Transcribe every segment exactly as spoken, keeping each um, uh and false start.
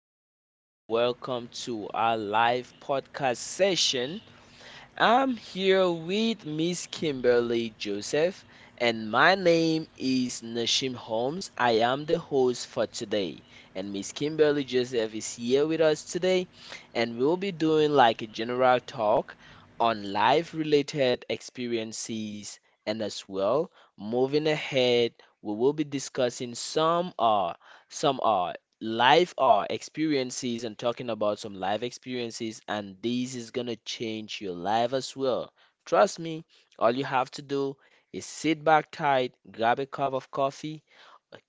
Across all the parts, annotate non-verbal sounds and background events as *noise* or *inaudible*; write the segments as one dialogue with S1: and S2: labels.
S1: and gentlemen. Welcome to our live podcast session. I'm here with Miss Kimberly Joseph, and my name is Nashim Holmes. I am the host for today, and Miss Kimberly Joseph is here with us today, and we'll be doing like a general talk on life-related experiences, and as well, moving ahead, we will be discussing some uh some uh life or experiences and talking about some life experiences, and this is gonna change your life as well. Trust me, all you have to do is sit back tight, grab a cup of coffee,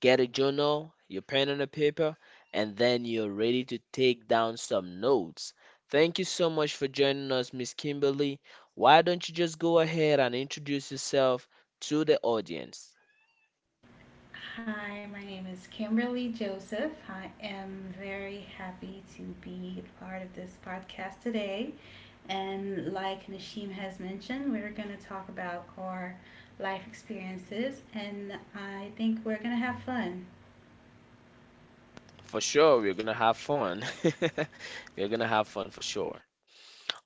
S1: get a journal, your pen and a paper, and then you're ready to take down some notes. Thank you so much for joining us, Miss Kimberly. Why don't you just go ahead and introduce yourself to the audience?
S2: Hi, my name is Kimberly Joseph. I am very happy to be part of this podcast today. And like Nashim has mentioned, we're going to talk about our life experiences, and I think we're going to have fun.
S1: For sure, we're gonna have fun. *laughs* We're gonna have fun for sure.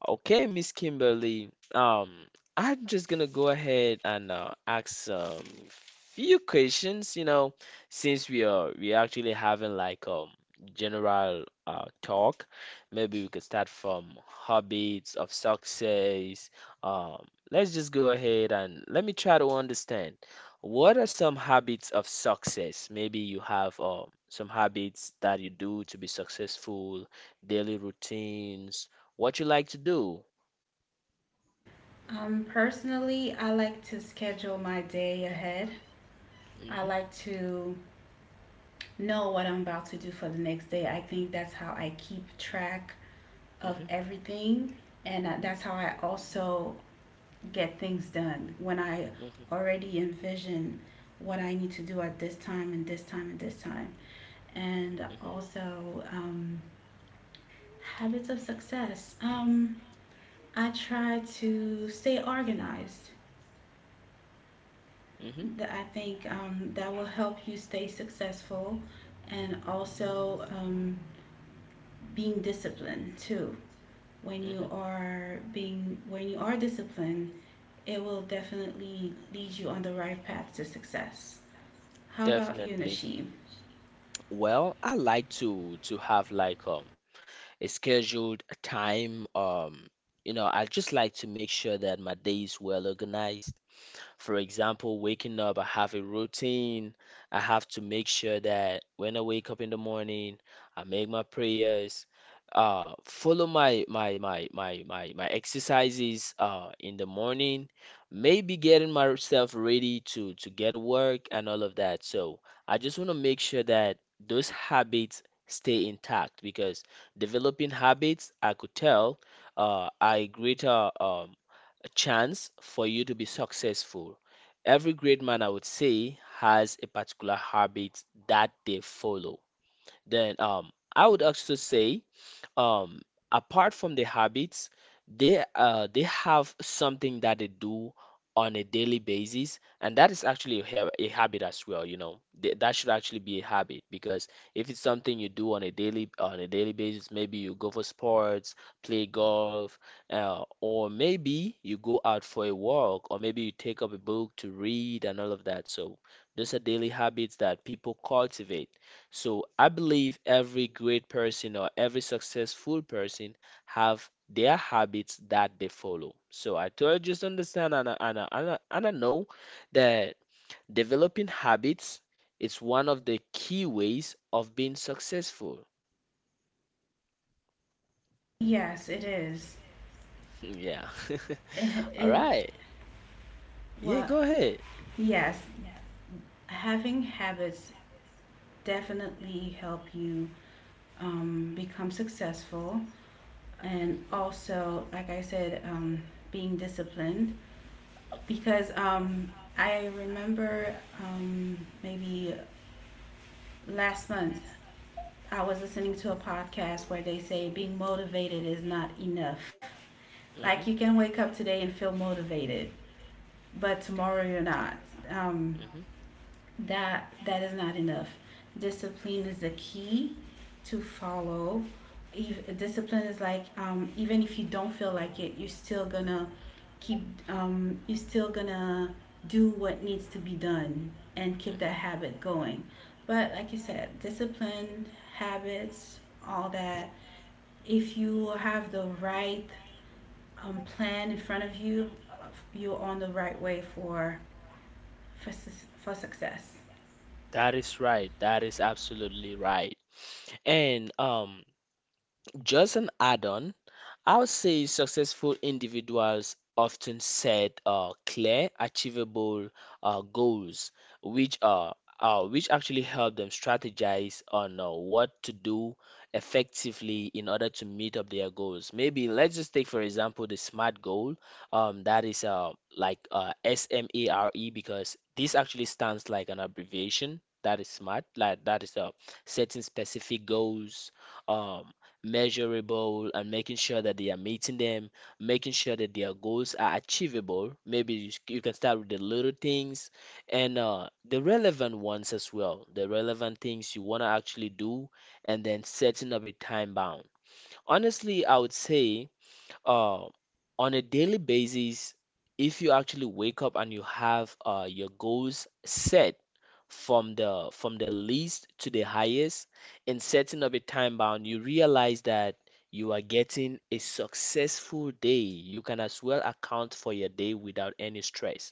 S1: Okay, Miss Kimberly. Um, I'm just gonna go ahead and uh, ask some few questions, you know, since we are we actually having like um general uh talk. Maybe we could start from habits of success. Um, let's just go ahead and let me try to understand. What are some habits of success? Maybe you have um some habits that you do to be successful, daily routines, what you like to do.
S2: Um, personally, I like to schedule my day ahead. I
S1: hmm
S2: like to know what I'm about to do for the next day. I think that's how I keep track of
S1: hmm
S2: everything, and uh, that's how I also get things done when I
S1: hmm
S2: already envision what I need to do at this time and this time and this time. And
S1: hmm
S2: also, um, habits of success. Um, I try to stay organized.
S1: hmm
S2: I think um, that will help you stay successful, and also um, being disciplined too. When you
S1: hmm
S2: are being when you are disciplined, it will definitely lead you on the right path to success. How about you,
S1: Definitely.
S2: Nashim?
S1: Well, I like to to have like um a scheduled time. Um, you know, I just like to make sure that my day is well organized. For example, waking up, I have a routine. I have to make sure that when I wake up in the morning, I make my prayers, uh, follow my my my my my my exercises uh in the morning, maybe getting myself ready to to get to work and all of that. So I just want to make sure that those habits stay intact, because developing habits, I could tell, uh, are a greater um a chance for you to be successful. Every great man, I would say, has a particular habit that they follow. Then um, I would also say um, apart from the habits, they uh they have something that they do on a daily basis, and that is actually a, hab- a habit as well, you know. Th- that should actually be a habit because if it's something you do on a daily on a daily basis, maybe you go for sports, play golf, uh, or maybe you go out for a walk, or maybe you take up a book to read and all of that. So those are daily habits that people cultivate, so I believe every great person or every successful person have their habits that they follow. So I told you just understand, and I, and I, and I, and I know that developing habits is one of the key ways of being successful. *laughs*
S2: Yes, it is.
S1: Yeah.
S2: It,
S1: *laughs* All
S2: it
S1: right. Yeah,
S2: well,
S1: go ahead.
S2: yes, having habits definitely help you um, become successful, and
S1: Mhm,
S2: also, like I said, um, being disciplined. Because um, I remember, um, maybe last month I was listening to a podcast where they say being motivated is not enough. Like
S1: mhm,
S2: you can wake up today and feel motivated, but tomorrow you're not. Um,
S1: mhm,
S2: that that is not enough. Discipline is the key to follow. Ev- discipline is like, um, even if you don't feel like it, you're still gonna keep. Um, you're still gonna do what needs to be done and keep that
S1: mhm.
S2: habit going. But like you said, discipline, habits, all that, if you have the right um, plan in front of you, uh, you're on the right way for for, for success.
S1: That is right. That is absolutely right. And um, just an add-on, I would say successful individuals often set uh, clear, achievable uh, goals, which are uh, which actually help them strategize on uh, what to do effectively in order to meet up their goals. Maybe let's just take for example the SMART goal. Um, that is uh, like uh, S M A R E, because this actually stands like an abbreviation. That is SMART. Like that is uh, setting specific goals, um, measurable and making sure that they are meeting them, making sure that their goals are achievable. Maybe you, you can start with the little things and uh, the relevant ones as well, the relevant things you want to actually do, and then setting up a time bound. Honestly, I would say uh, on a daily basis, if you actually wake up and you have uh, your goals set, from the from the least to the highest, and setting up a time bound, you realize that you are getting a successful day, you can as well account for your day without any stress,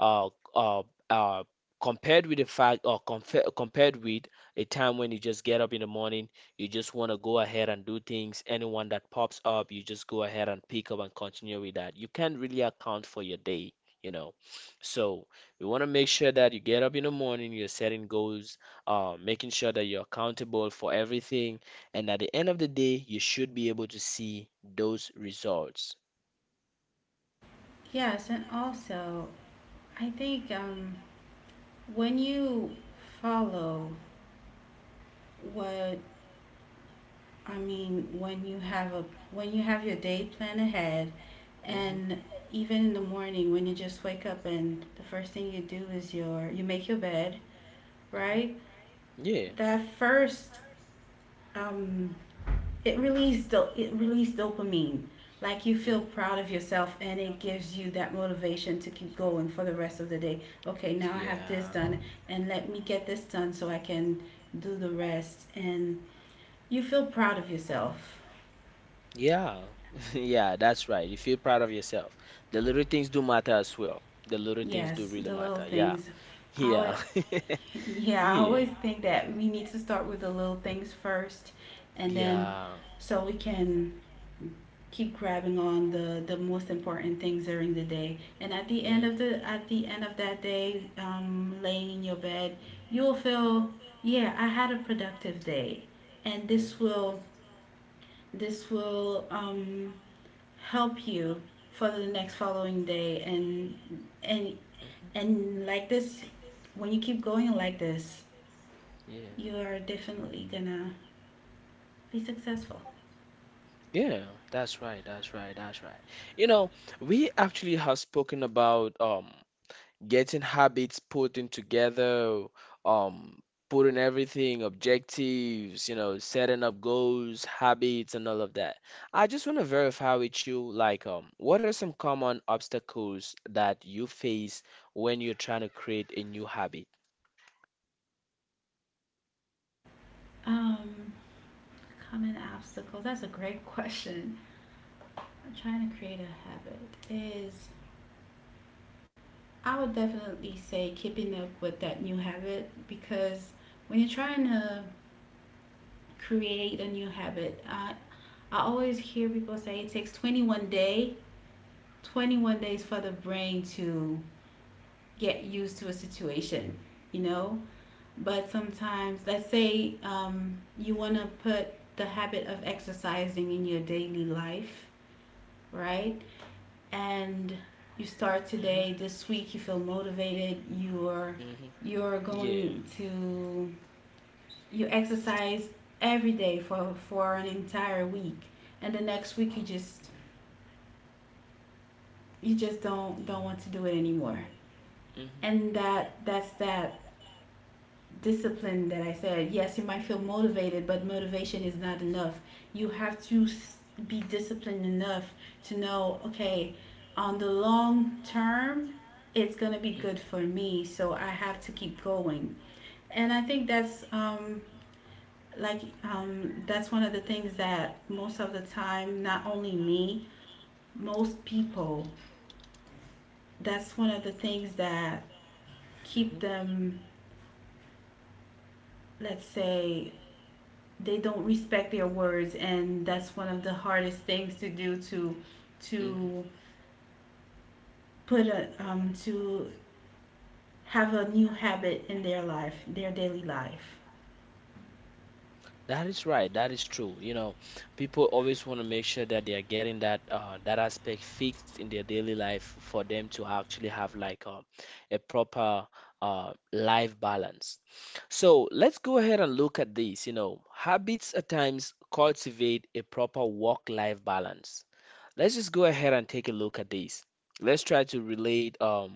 S1: uh, uh, uh, compared with the fact, or compa- compared with a time when you just get up in the morning, you just want to go ahead and do things. Anyone that pops up, you just go ahead and pick up and continue with that. You can't really account for your day, you know. So we want to make sure that you get up in the morning, you're setting goals, uh, making sure that you're accountable for everything, and at the end of the day, you should be able to see those results.
S2: Yes, and also, I think um, when you follow, what I mean, when you have a when you have your day plan ahead.
S1: hmm
S2: And even in the morning, when you just wake up and the first thing you do is your you make your bed,
S1: hmm
S2: right?
S1: Yeah.
S2: That first um, it released it released dopamine. Like you feel
S1: Mhm.
S2: proud of yourself, and it gives you that motivation to keep going for the rest of the day. Okay, now I have this
S1: Yeah.
S2: done, and let me get this done so I can do the rest. And you feel proud of yourself.
S1: Yeah. *laughs* Yeah, that's right. You feel proud of yourself. The little things do matter as well. The little things do
S2: Yes,
S1: really, yes,
S2: the little
S1: matter. Yeah.
S2: things. Our
S1: Yeah. *laughs*
S2: Yeah, I
S1: Yeah. Yeah,
S2: always think that we need to start with the little things first, and then
S1: yeah.
S2: so we can keep grabbing on the the most important things during the day, and at the
S1: Mhm.
S2: end of the at the end of that day, um laying in your bed, you'll feel,
S1: Hmm.
S2: yeah I had a productive day. And this will this will um help you for the next following day, and and
S1: Mhm. Mhm.
S2: and like this, when you keep going like this,
S1: Yeah.
S2: you are definitely gonna be successful.
S1: Yeah, that's right, that's right, that's right. You know, we actually have spoken about um getting habits putting together, um putting everything, objectives, you know, setting up goals, habits and all of that. I just want to verify with you like um what are some common obstacles that you face when you're trying to create a new habit?
S2: Um, Common obstacles. That's a great *laughs* question. I'm trying to create a habit. Is I would definitely say keeping up with that new habit, because when you're trying to create a new habit, I I always hear people say it takes twenty-one day, twenty-one days for the brain to get used to a situation. You know, but sometimes, let's say, um, you want to put the habit of exercising in your daily life, right? And you start today,
S1: hmm
S2: this week you feel motivated, you're
S1: hmm
S2: you're
S1: Yeah.
S2: going to you exercise every day for for an entire week, and the next week you just you just don't don't want to do it anymore.
S1: hmm
S2: And that that's that discipline that I said, yes, you might feel motivated, but motivation is not enough. You have to be disciplined enough to know, okay, on the long term, it's going to be
S1: hmm
S2: good for me, so I have to keep going. And I think that's um like um that's one of the things that most of the time, not only me, most people, that's one of the things that
S1: hmm
S2: keep them, let's say, they don't respect their words, and that's one of the hardest things to do, to
S1: hmm
S2: to put a um, to have a new habit in their life, their daily life.
S1: That is right. That is true. You know, people always want to make sure that they are getting that uh, that aspect fixed in their daily life for them to actually have like a a proper uh, life balance. So let's go ahead and look at this. You know, habits at times cultivate a proper work-life balance. Let's just go ahead and take a look at this. Let's try to relate um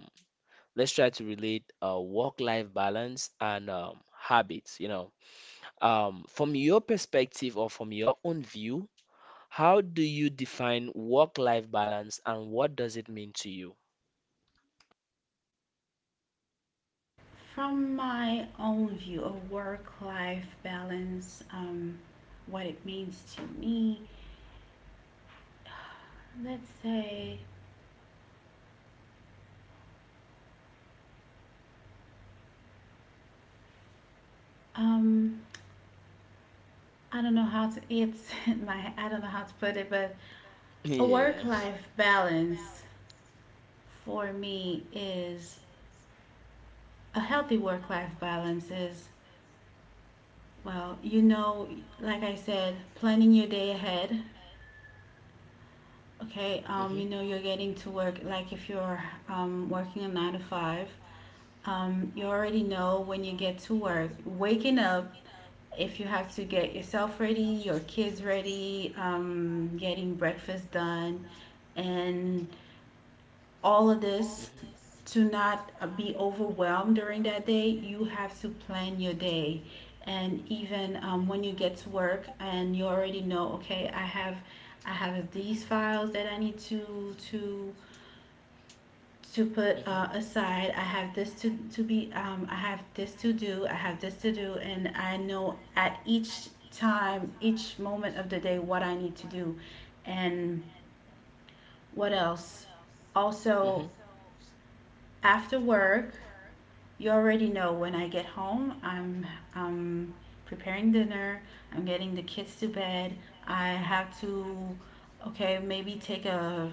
S1: let's try to relate uh, work-life balance and um, habits. You know. Um, from your perspective or from your own view, how do you define work-life balance and what does it mean to you? *laughs*
S2: From my own view of work life balance, um, what it means to me, let's say, um, I don't know how to it's *laughs* my I don't know how to put it, but a work
S1: Yeah.
S2: life balance for me is a healthy work life balance is, well, you know, like I said, planning your day ahead. Okay, um,
S1: hmm
S2: you know you're getting to work. Like, if you're um, working a nine to five, um, you already know when you get to work, waking up. If you have to get yourself ready, your kids ready, um, getting breakfast done, and all of this to not uh, be overwhelmed during that day, you have to plan your day. And even um, when you get to work and you already know, okay, I have, I have these files that I need to to to put
S1: hmm
S2: uh, aside. I have this to to be. Um, I have this to do. I have this to do, and I know at each time, each moment of the day, what I need to do, and what else.
S1: hmm hmm
S2: Also, after work, you already know, when I get home, I'm um, preparing dinner, I'm getting the kids to bed, I have to, okay, maybe take a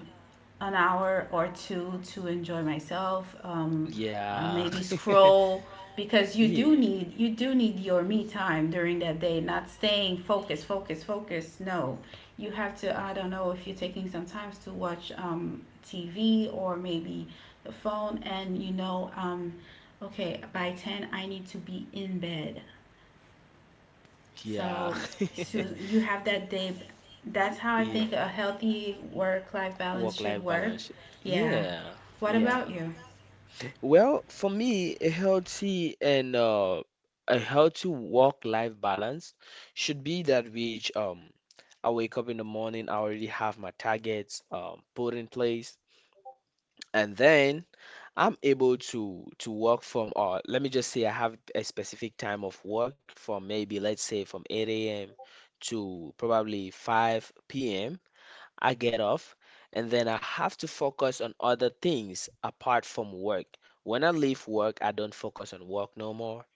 S2: an hour or two to enjoy myself. Um, uh,
S1: Yeah.
S2: maybe
S1: *laughs*
S2: scroll, because you do
S1: Yeah.
S2: need, you do need your me time during that day. Not staying focused, focus, focus. No, you have to. I don't know if you're taking some times to watch um, T V or maybe the phone, and you know. Um, okay, by ten, I need to be in bed.
S1: Yeah.
S2: So, so
S1: *laughs*
S2: you have that day. That's how I think
S1: Yeah.
S2: a healthy work life balance should
S1: Work-life
S2: work.
S1: balance.
S2: Yeah.
S1: Yeah.
S2: What
S1: Yeah.
S2: about you?
S1: Well, for me, a healthy and uh, a healthy work-life balance should be that which um I wake up in the morning, I already have my targets um put in place, and then I'm able to to work from uh let me just say I have a specific time of work from maybe let's say from eight a m to probably five p m. I get off, and then I have to focus on other things apart from work. When I leave work, I don't focus on work no more.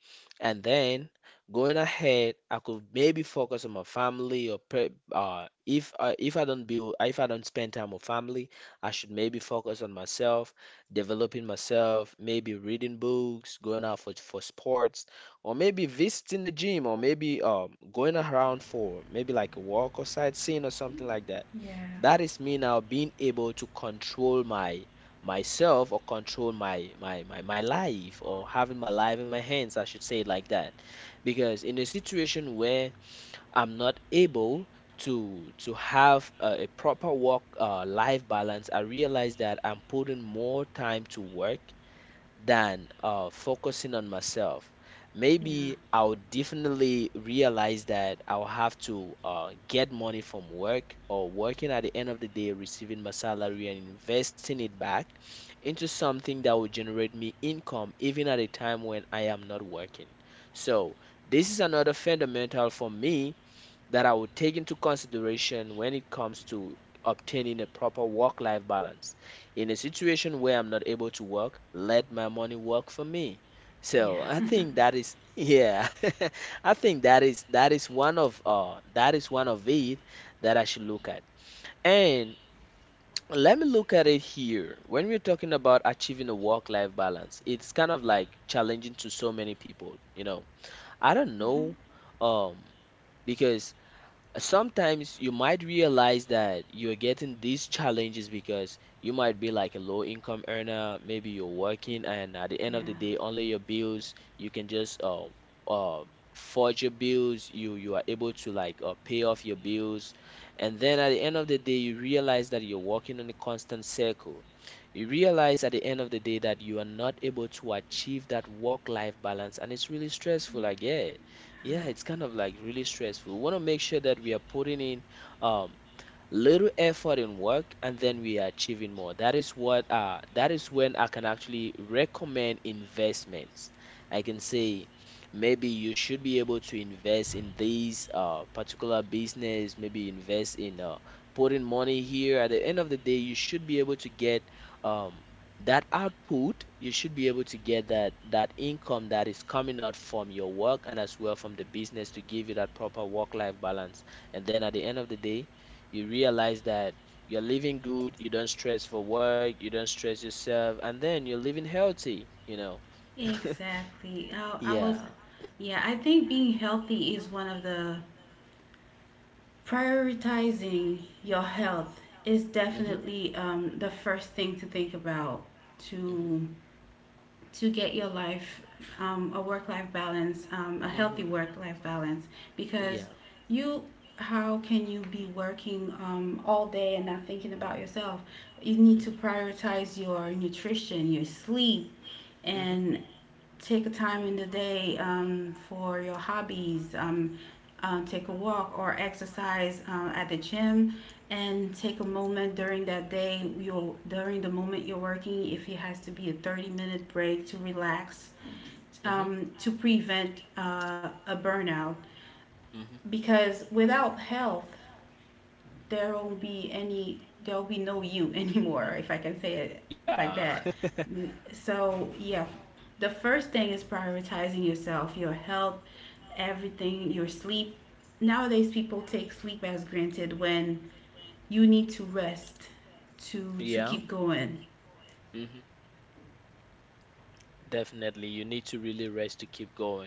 S1: And then going ahead, I could maybe focus on my family, or pre uh, if uh, if I don't build if I don't spend time with family, I should maybe focus on myself, developing myself, maybe reading books, going out for for sports, or maybe visiting the gym, or maybe um going around for maybe like a walk or sightseeing or something like that.
S2: Yeah.
S1: That is me now being able to control my myself, or control my, my my my life, or having my life in my hands, I should say it like that. Because in a situation where I'm not able to to have a, a proper work uh, life balance, I realize that I'm putting more time to work than uh, focusing on myself.
S2: Yeah.
S1: Maybe I'll definitely realize that I'll have to uh, get money from work or working, at the end of the day, receiving my salary and investing it back into something that will generate me income even at a time when I am not working. So, this is another fundamental for me that I would take into consideration when it comes to obtaining a proper work life balance. In a situation where I'm not able to work, let my money work for me. So I
S2: Yeah.
S1: think that is yeah *laughs* I think that is that is one of uh that is one of it that I should look at. And *tsk* let me look at it here. When we're talking about achieving a work-life balance, it's kind of like challenging to so many people, you know. I don't
S2: Mm-hmm.
S1: know um because sometimes you might realize that you're getting these challenges because you might be like a low income earner, maybe you're working, and at the end of the
S2: Yeah.
S1: day, only your bills, you can just uh, uh, forge your bills, you you are able to like uh, pay off your bills, and then at the end of the day, you realize that you're working on a constant circle. You realize at the end of the day that you are not able to achieve that work-life balance, and it's really stressful, I guess. Yeah, it's kind of like really stressful. We want to make sure that we are putting in um, little effort in work, and then we are achieving more. That is what uh that is when I can actually recommend investments. I can say maybe you should be able to invest in these uh particular business, maybe invest in uh putting money here. At the end of the day, you should be able to get um that output. You should be able to get that that income that is coming out from your work and as well from the business to give you that proper work life balance. And then at the end of the day, you realize that you're living good, you don't stress for work, you don't stress yourself, and then you're living healthy, you know. *laughs*
S2: Exactly. Oh, I was.
S1: Yeah.
S2: Yeah, I think being healthy is one of the prioritizing your health is
S1: hmm hmm
S2: definitely um, the first thing to think about, to to get your life, um, a work life balance, um, a healthy
S1: hmm
S2: work life balance, because
S1: Yeah.
S2: you how can you be working um, all day and not thinking about yourself? You need to prioritize your nutrition, your sleep,
S1: hmm
S2: and
S1: hmm
S2: take a time in the day, um, for your hobbies. Um, uh, take a walk or exercise uh, at the gym, and take a moment during that day. You're during the moment you're working, if it has to be a thirty minute break to relax, um, to prevent uh, a burnout.
S1: hmm hmm
S2: Because without health, there won't be any there will be no you *laughs* anymore, if I can say it
S1: Yeah.
S2: like that. So yeah, the first thing is prioritizing yourself, your health, everything, your sleep. Nowadays people take sleep as granted, when you need to rest
S1: *laughs*
S2: to to
S1: Yeah.
S2: keep going.
S1: hmm Definitely, you need to really rest to keep going,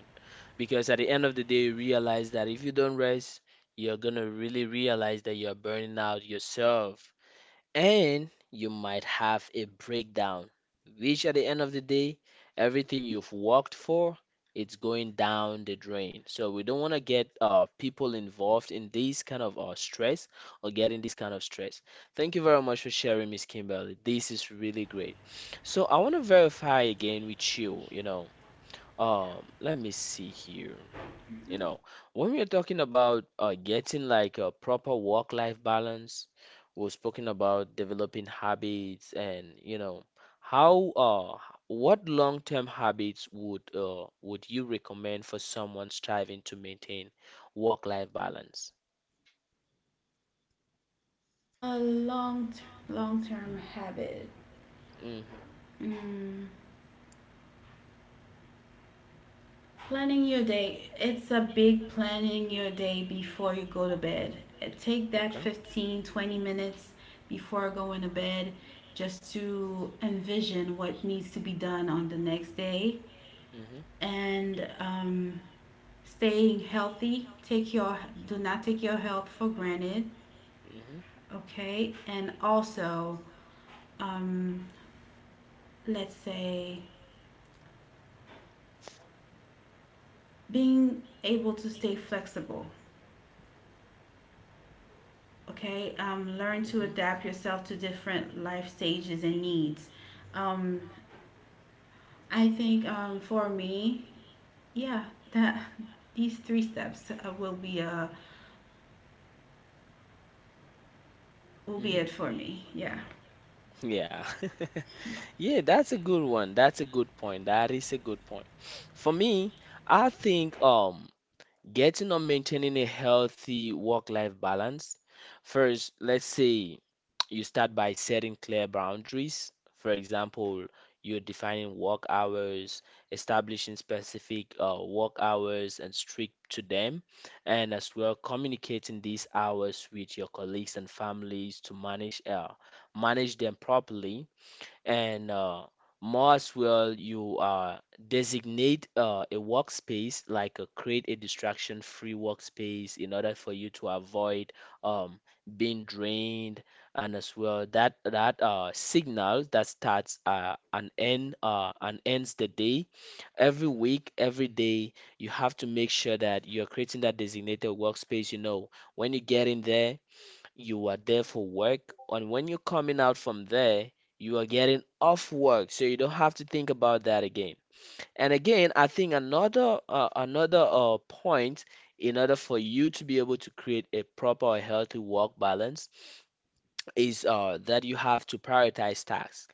S1: because at the end of the day, you realize that if you don't rest, you're gonna really realize that you're burning out yourself and you might have a breakdown, which at the end of the day, everything you've worked for, it's going down the drain. So we don't want to get uh, people involved in this kind of uh, stress or getting this kind of stress. Thank you very much for sharing, Miss Kimberly. This is really great. So I want to verify again with you, you know. Um, let me see here. You know, when we are talking about uh, getting like a proper work-life balance, we're speaking about developing habits. And you know how uh what long-term habits would uh would you recommend for someone striving to maintain work-life balance?
S2: A long long term habit,
S1: hmm
S2: mm, planning your day. It's a big planning your day before you go to bed. Uh, Take that
S1: Okay.
S2: fifteen, twenty minutes before going to bed, just to envision what needs to be done on the next day,
S1: hmm
S2: and um, staying healthy. Take your do not take your health for granted,
S1: hmm
S2: okay? And also, um, let's say, being able to stay flexible. Okay, um, learn to
S1: hmm
S2: adapt yourself to different life stages and needs. Um, I think um, for me, yeah, that *laughs* these three steps uh, will be uh, will be it
S1: hmm
S2: for me. Yeah,
S1: Yeah. *laughs* Yeah, that's a good one. That's a good point. That is a good point. For me, I think um getting or maintaining a healthy work-life balance. First, let's say you start by setting clear boundaries. For example, you're defining work hours, establishing specific uh, work hours and strict to them, and as well communicating these hours with your colleagues and families to manage uh, manage them properly. And uh, most will you uh, designate uh, a workspace, like uh, create a distraction-free workspace in order for you to avoid um, being drained, and as well that that uh, signal that starts uh, and end uh, and ends the day. Every week, every day, you have to make sure that you're creating that designated workspace, you know. When you get in there, you are there for work, and when you're coming out from there, you are getting off work, so you don't have to think about that again. And again, I think another uh, another uh, point in order for you to be able to create a proper or healthy work balance is uh, that you have to prioritize tasks.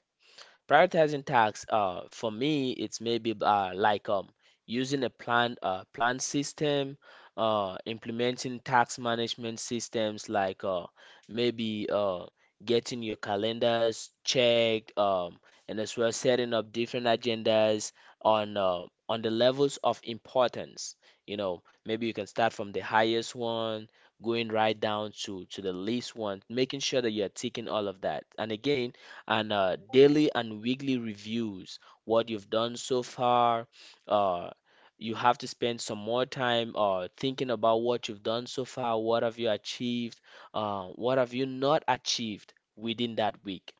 S1: Prioritizing tasks, uh, for me, it's maybe uh, like um, using a plan, uh, plan system, uh, implementing tax management systems, like uh, maybe uh, getting your calendars checked, um, and as well setting up different agendas on uh, on the levels of importance. You know, maybe you can start from the highest one, going right down to to the least one, making sure that you're ticking all of that. And again, and uh, daily and weekly reviews, what you've done so far. Uh, you have to spend some more time uh, thinking about what you've done so far, what have you achieved, uh, what have you not achieved within that week.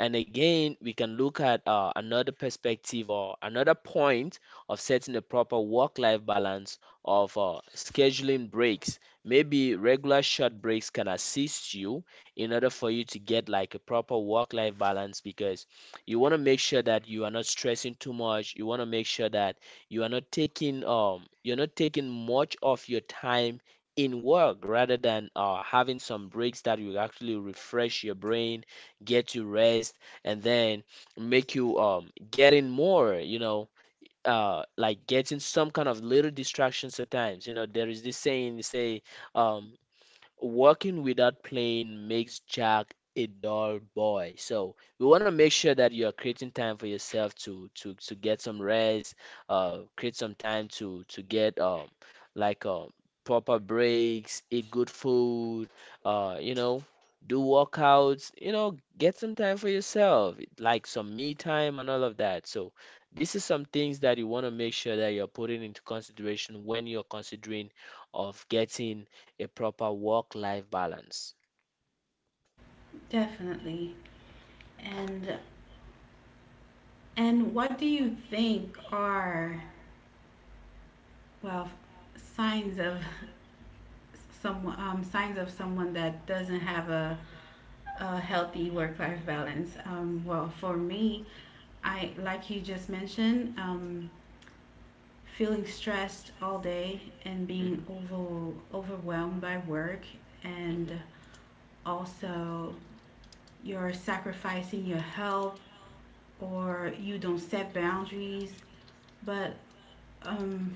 S1: And again, we can look at uh, another perspective or another point of setting a proper work-life balance, of uh, scheduling breaks. Maybe regular short breaks can assist you in order for you to get like a proper work-life balance, because you want to make sure that you are not stressing too much. You want to make sure that you are not taking um you're not taking much of your time in work, rather than uh, having some breaks that will actually refresh your brain, get you rest, and then make you um getting more, you know, uh like getting some kind of little distractions at times. You know, there is this saying say um working without playing makes Jack a dull boy. So we want to make sure that you are creating time for yourself to to to get some rest, uh, create some time to to get um like um proper breaks, eat good food, uh, you know, do workouts, you know, get some time for yourself, like some me time and all of that. So this is some things that you want to make sure that you're putting into consideration when you're considering of getting a proper work-life balance.
S2: definitely. And and what do you think are, well, signs of some um, signs of someone that doesn't have a, a healthy work life balance? Um, well, for me, I
S1: hmm
S2: like you just mentioned. Um, feeling stressed all day and being
S1: hmm
S2: over, overwhelmed by work, and
S1: hmm
S2: also you're sacrificing your health or you don't set boundaries, but um,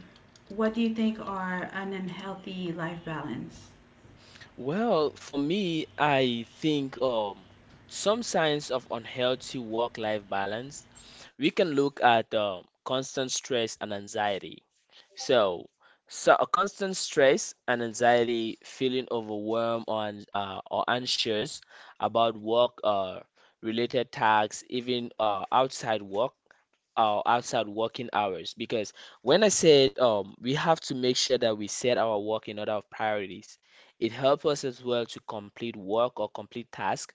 S2: what do you think are an unhealthy life balance?
S1: Well, for me, I think um, some signs of unhealthy work-life balance, we can look at um, constant stress and anxiety. So, so a constant stress and anxiety, feeling overwhelmed or, an- uh, or anxious about work uh, related tasks, even uh, outside work, uh, outside working hours, because when I said um, we have to make sure that we set our work in order of priorities, it helps us as well to complete work or complete task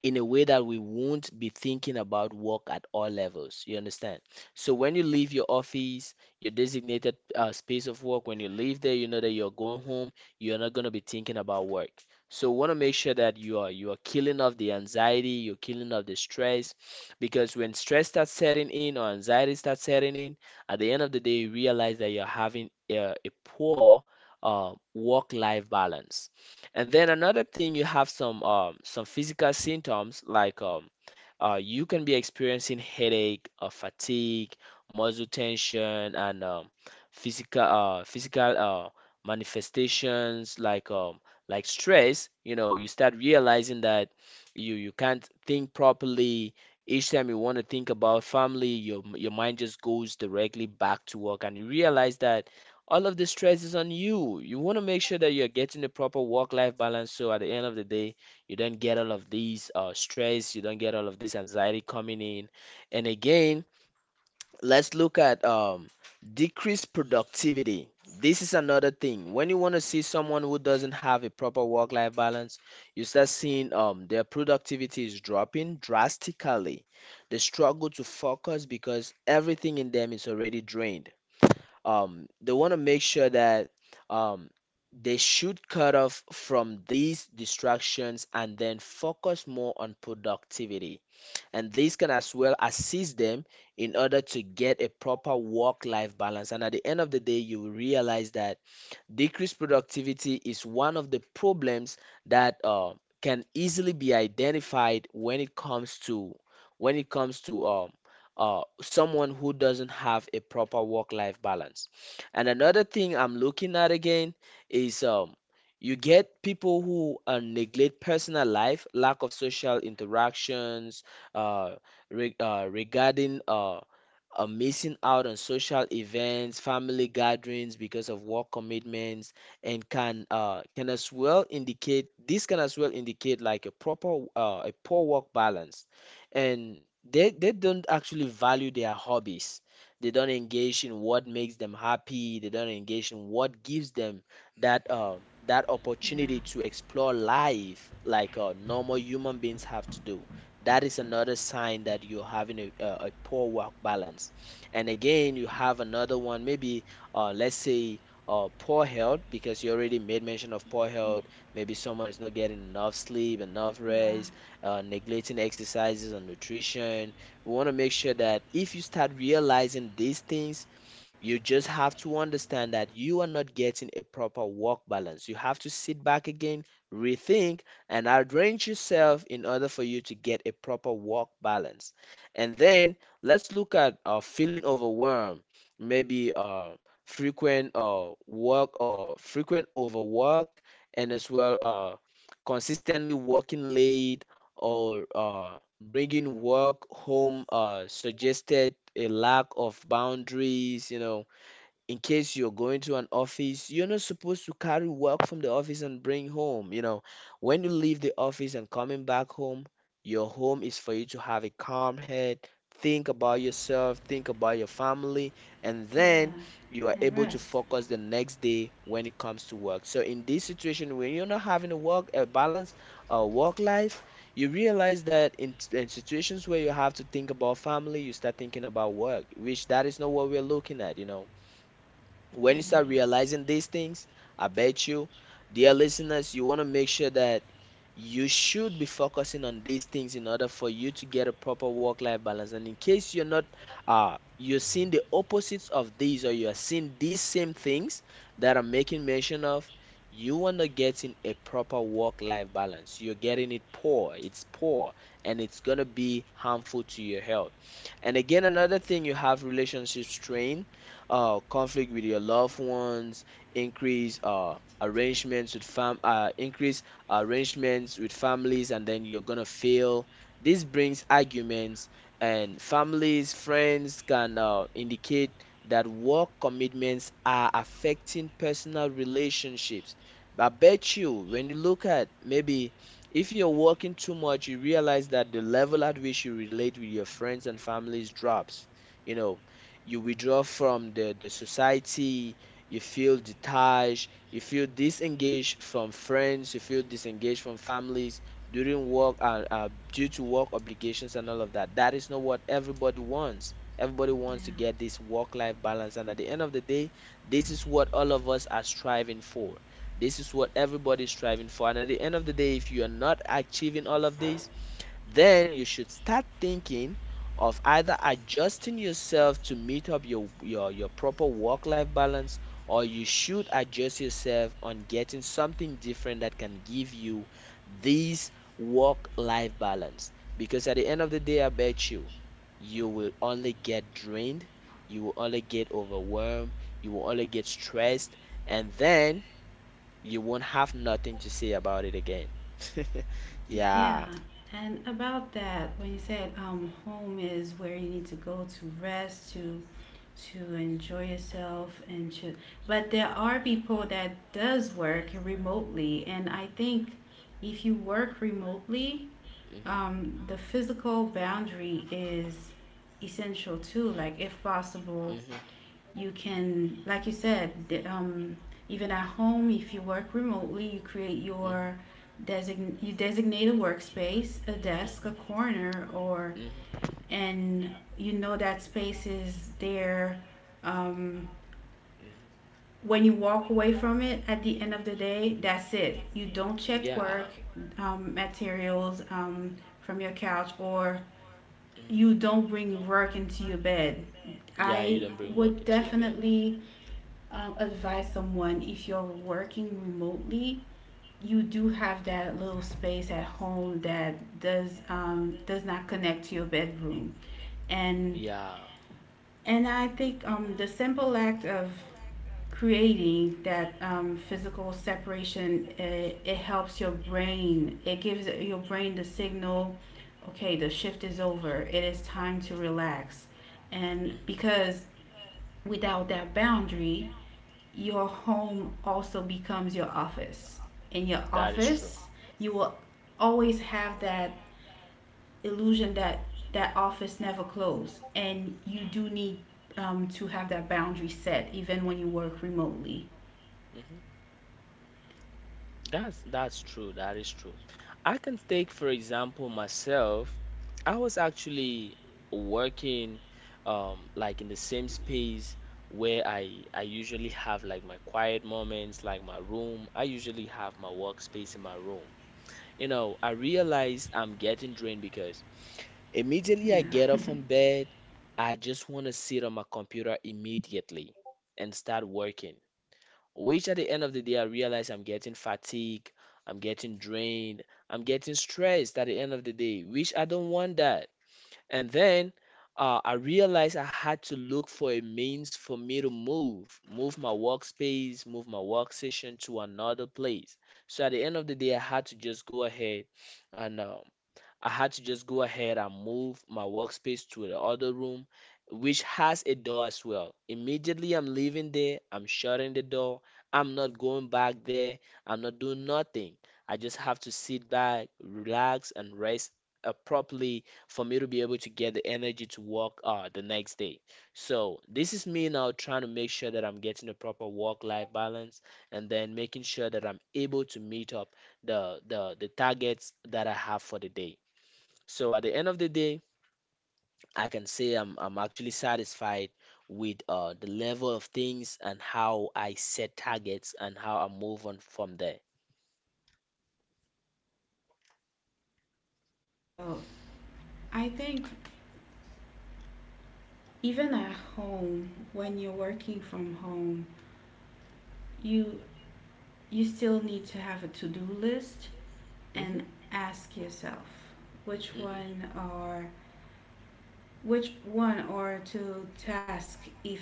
S1: in a way that we won't be thinking about work at all levels. You understand? So when you leave your office, your designated uh, space of work, when you leave there, you know that you're going home, you're not going to be thinking about work. So we want to make sure that you are you are killing off the anxiety, you're killing off the stress, because when stress starts setting in or anxiety starts setting in, at the end of the day, you realize that you're having a, a poor uh, work-life balance. And then another thing, you have some um, some physical symptoms like um, uh, you can be experiencing headache, uh, fatigue, muscle tension, and um, physical uh, physical uh, manifestations like um, like stress. You know, you start realizing that you you can't think properly. Each time you want to think about family, your your mind just goes directly back to work, and you realize that all of the stress is on you. You want to make sure that you're getting the proper work-life balance. So at the end of the day, you don't get all of these uh, stress, you don't get all of this anxiety coming in. And again, let's look at um, decreased productivity. This is another thing. When you want to see someone who doesn't have a proper work-life balance, you start seeing um, their productivity is dropping drastically. They struggle to focus because everything in them is already drained. Um, they want to make sure that um, they should cut off from these distractions and then focus more on productivity. And this can as well assist them in order to get a proper work life balance. And at the end of the day, you will realize that decreased productivity is one of the problems that uh, can easily be identified when it comes to, when it comes to um, uh, someone who doesn't have a proper work-life balance. And another thing I'm looking at again is um, you get people who uh, neglect personal life, lack of social interactions, uh, re- uh, regarding uh, uh, missing out on social events, family gatherings because of work commitments, and can uh, can as well indicate this can as well indicate like a proper uh, a poor work balance, and they they don't actually value their hobbies. They don't engage in what makes them happy. They don't engage in what gives them that uh, that
S2: Yeah,
S1: opportunity to explore life like uh, normal human beings have to do. That is another sign that you're having a, a, a poor work balance. And again, you have another one, maybe uh, let's say uh, poor health, because you already made mention of poor health. Maybe someone is not getting enough sleep, enough
S2: yeah,
S1: rest, uh, neglecting exercises and nutrition. We want to make sure that if you start realizing these things, you just have to understand that you are not getting a proper work balance. You have to sit back again, rethink, and arrange yourself in order for you to get a proper work balance. And then let's look at uh, feeling overwhelmed, maybe uh, frequent uh, work or frequent overworked, and as well uh, consistently working late or uh, bringing work home, uh, suggested a lack of boundaries, you know. In case you're going to an office, you're not supposed to carry work from the office and bring home. You know, when you leave the office and coming back home, your home is for you to have a calm head, think about yourself, think about your family, and then
S2: yeah,
S1: you are
S2: and
S1: able to
S2: rest.
S1: focus the next day when it comes to work. So in this situation, when you're not having a work a balance, uh, work life, you realize that in, in situations where you have to think about family, you start thinking about work, which that is not what we're looking at, you know, when you start
S2: Yeah,
S1: realizing these things, I bet you, dear listeners, you want to make sure that you should be focusing on these things in order for you to get a proper work life balance. And in case you're not, uh, you're seeing the opposites of these, or you are seeing these same things that I'm making mention of, you are not getting a proper work life balance. You're getting it poor, it's poor, and it's going to be harmful to your health. And again, another thing, you have relationship strain, uh, conflict with your loved ones, increase uh, arrangements with fam, uh, increase arrangements with families, and then you're gonna fail. This brings arguments, and families, friends can uh, indicate that work commitments are affecting personal relationships. I bet you, when you look at, maybe if you're working too much, you realize that the level at which you relate with your friends and families drops. You know, you withdraw from the, the society, you feel detached, you feel disengaged from friends, you feel disengaged from families during work and, uh, due to work obligations and all of that. That is not what everybody wants. Everybody wants to
S2: yeah,
S1: get this work-life balance, and at the end of the day, this is what all of us are striving for. This is what everybody's striving for. And at the end of the day, if you are not achieving all of this, then you should start thinking of either adjusting yourself to meet up your your, your proper work-life balance, or you should adjust yourself on getting something different that can give you this work-life balance. Because at the end of the day, I bet you, you will only get drained, you will only get overwhelmed, you will only get stressed, and then you won't have nothing to say about it again. *laughs*
S2: yeah.
S1: Yeah.
S2: And about that, when you said um, home is where you need to go to rest, to to enjoy yourself and should, but there are people that does work remotely, and I think if you work remotely,
S1: hmm hmm
S2: um, the physical boundary is essential too, like if
S1: hmm hmm
S2: possible,
S1: hmm hmm
S2: you can, like you said, um, even at home, if you work remotely, you create your design you designate a workspace, a desk, a corner, or and you know that space is there. um, when you walk away from it at the end of the day, that's it, you don't check
S1: Yeah.
S2: work um, materials um, from your couch, or
S1: hmm
S2: you don't bring work into your bed.
S1: Yeah, you
S2: I
S1: don't bring work
S2: would
S1: into your bed.
S2: definitely um, advise someone, if you're working remotely, you do have that little space at home that does um, does not connect to your bedroom, and
S1: Yeah.
S2: and I think um, the simple act of creating that um, physical separation, it, it helps your brain, it gives your brain the signal, okay, the shift is over, it is time to relax. And
S1: hmm
S2: because without that boundary, your home also becomes your office. In your
S1: That is true.
S2: office, you will always have that illusion that that office never closed, and you do need um, to have that boundary set even when you work remotely.
S1: hmm That's that's true. That is true. I can take, for example, myself. I was actually working, um, like in the same space where I I usually have like my quiet moments, like my room. I usually have my workspace in my room. You know, I realize I'm getting drained because immediately I
S2: Yeah.
S1: get up from bed, I just want to sit on my computer immediately and start working, which at the end of the day I realize I'm getting fatigued, I'm getting drained, I'm getting stressed at the end of the day, which I don't want that. And then uh, I realized I had to look for a means for me to move, move my workspace, move my workstation to another place. So at the end of the day, I had to just go ahead and, uh, I had to just go ahead and move my workspace to the other room, which has a door as well. Immediately I'm leaving there, I'm shutting the door. I'm not going back there. I'm not doing nothing. I just have to sit back, relax, and rest, uh, properly, for me to be able to get the energy to work, uh, the next day. So this is me now trying to make sure that I'm getting a proper work-life balance and then making sure that I'm able to meet up the the the targets that I have for the day. So at the end of the day, I can say I'm I'm actually satisfied with, uh, the level of things and how I set targets and how I move on from there.
S2: I think even at home, when you're working from home, you you still need to have a to-do list
S1: Mhm.
S2: and ask yourself which
S1: Mhm.
S2: one are. Which one or two tasks, if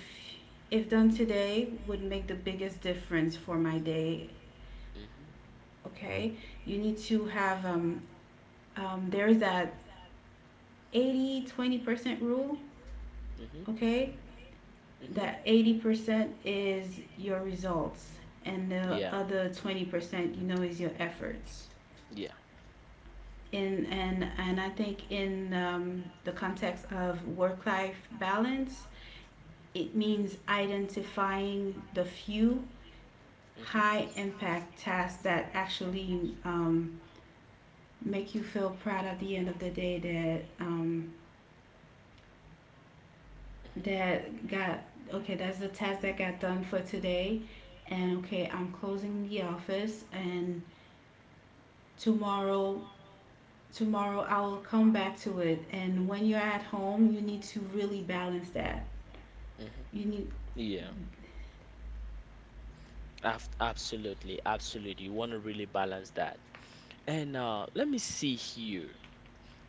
S2: if done today, would make the biggest difference for my day?
S1: Mhm.
S2: Okay, you need to have um, um there is that eighty twenty percent rule.
S1: Mhm.
S2: Okay,
S1: Mhm.
S2: that eighty percent is your results, and the
S1: Yeah.
S2: other twenty percent, you know, is your efforts.
S1: Yeah.
S2: In and and I think in um, the context of work life balance, it means identifying the few
S1: Mhm.
S2: high impact tasks that actually um, make you feel proud at the end of the day, that um,
S1: Mhm.
S2: that got okay, that's the task that got done for today. And okay, I'm closing the office, and tomorrow tomorrow I will come back to it. And when you're at home, you need to really balance that.
S1: Mhm.
S2: You need.
S1: Yeah. Af Absolutely. Absolutely. You want to really balance that. And, uh, let me see here.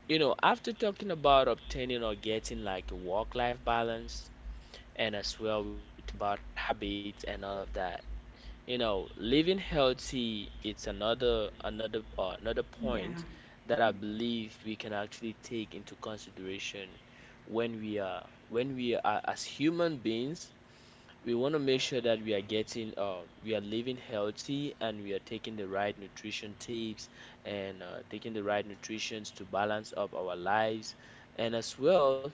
S1: You know, after talking about obtaining or getting like a work-life balance, and as well we talk about habits and all of that. You know, living healthy, it's another another uh, another
S2: Yeah.
S1: point that I believe we can actually take into consideration when we are when we are, as human beings, we want to make sure that we are getting, um, we are living healthy, and we are taking the right nutrition tips and, uh, taking the right nutritions to balance up our lives, and as well,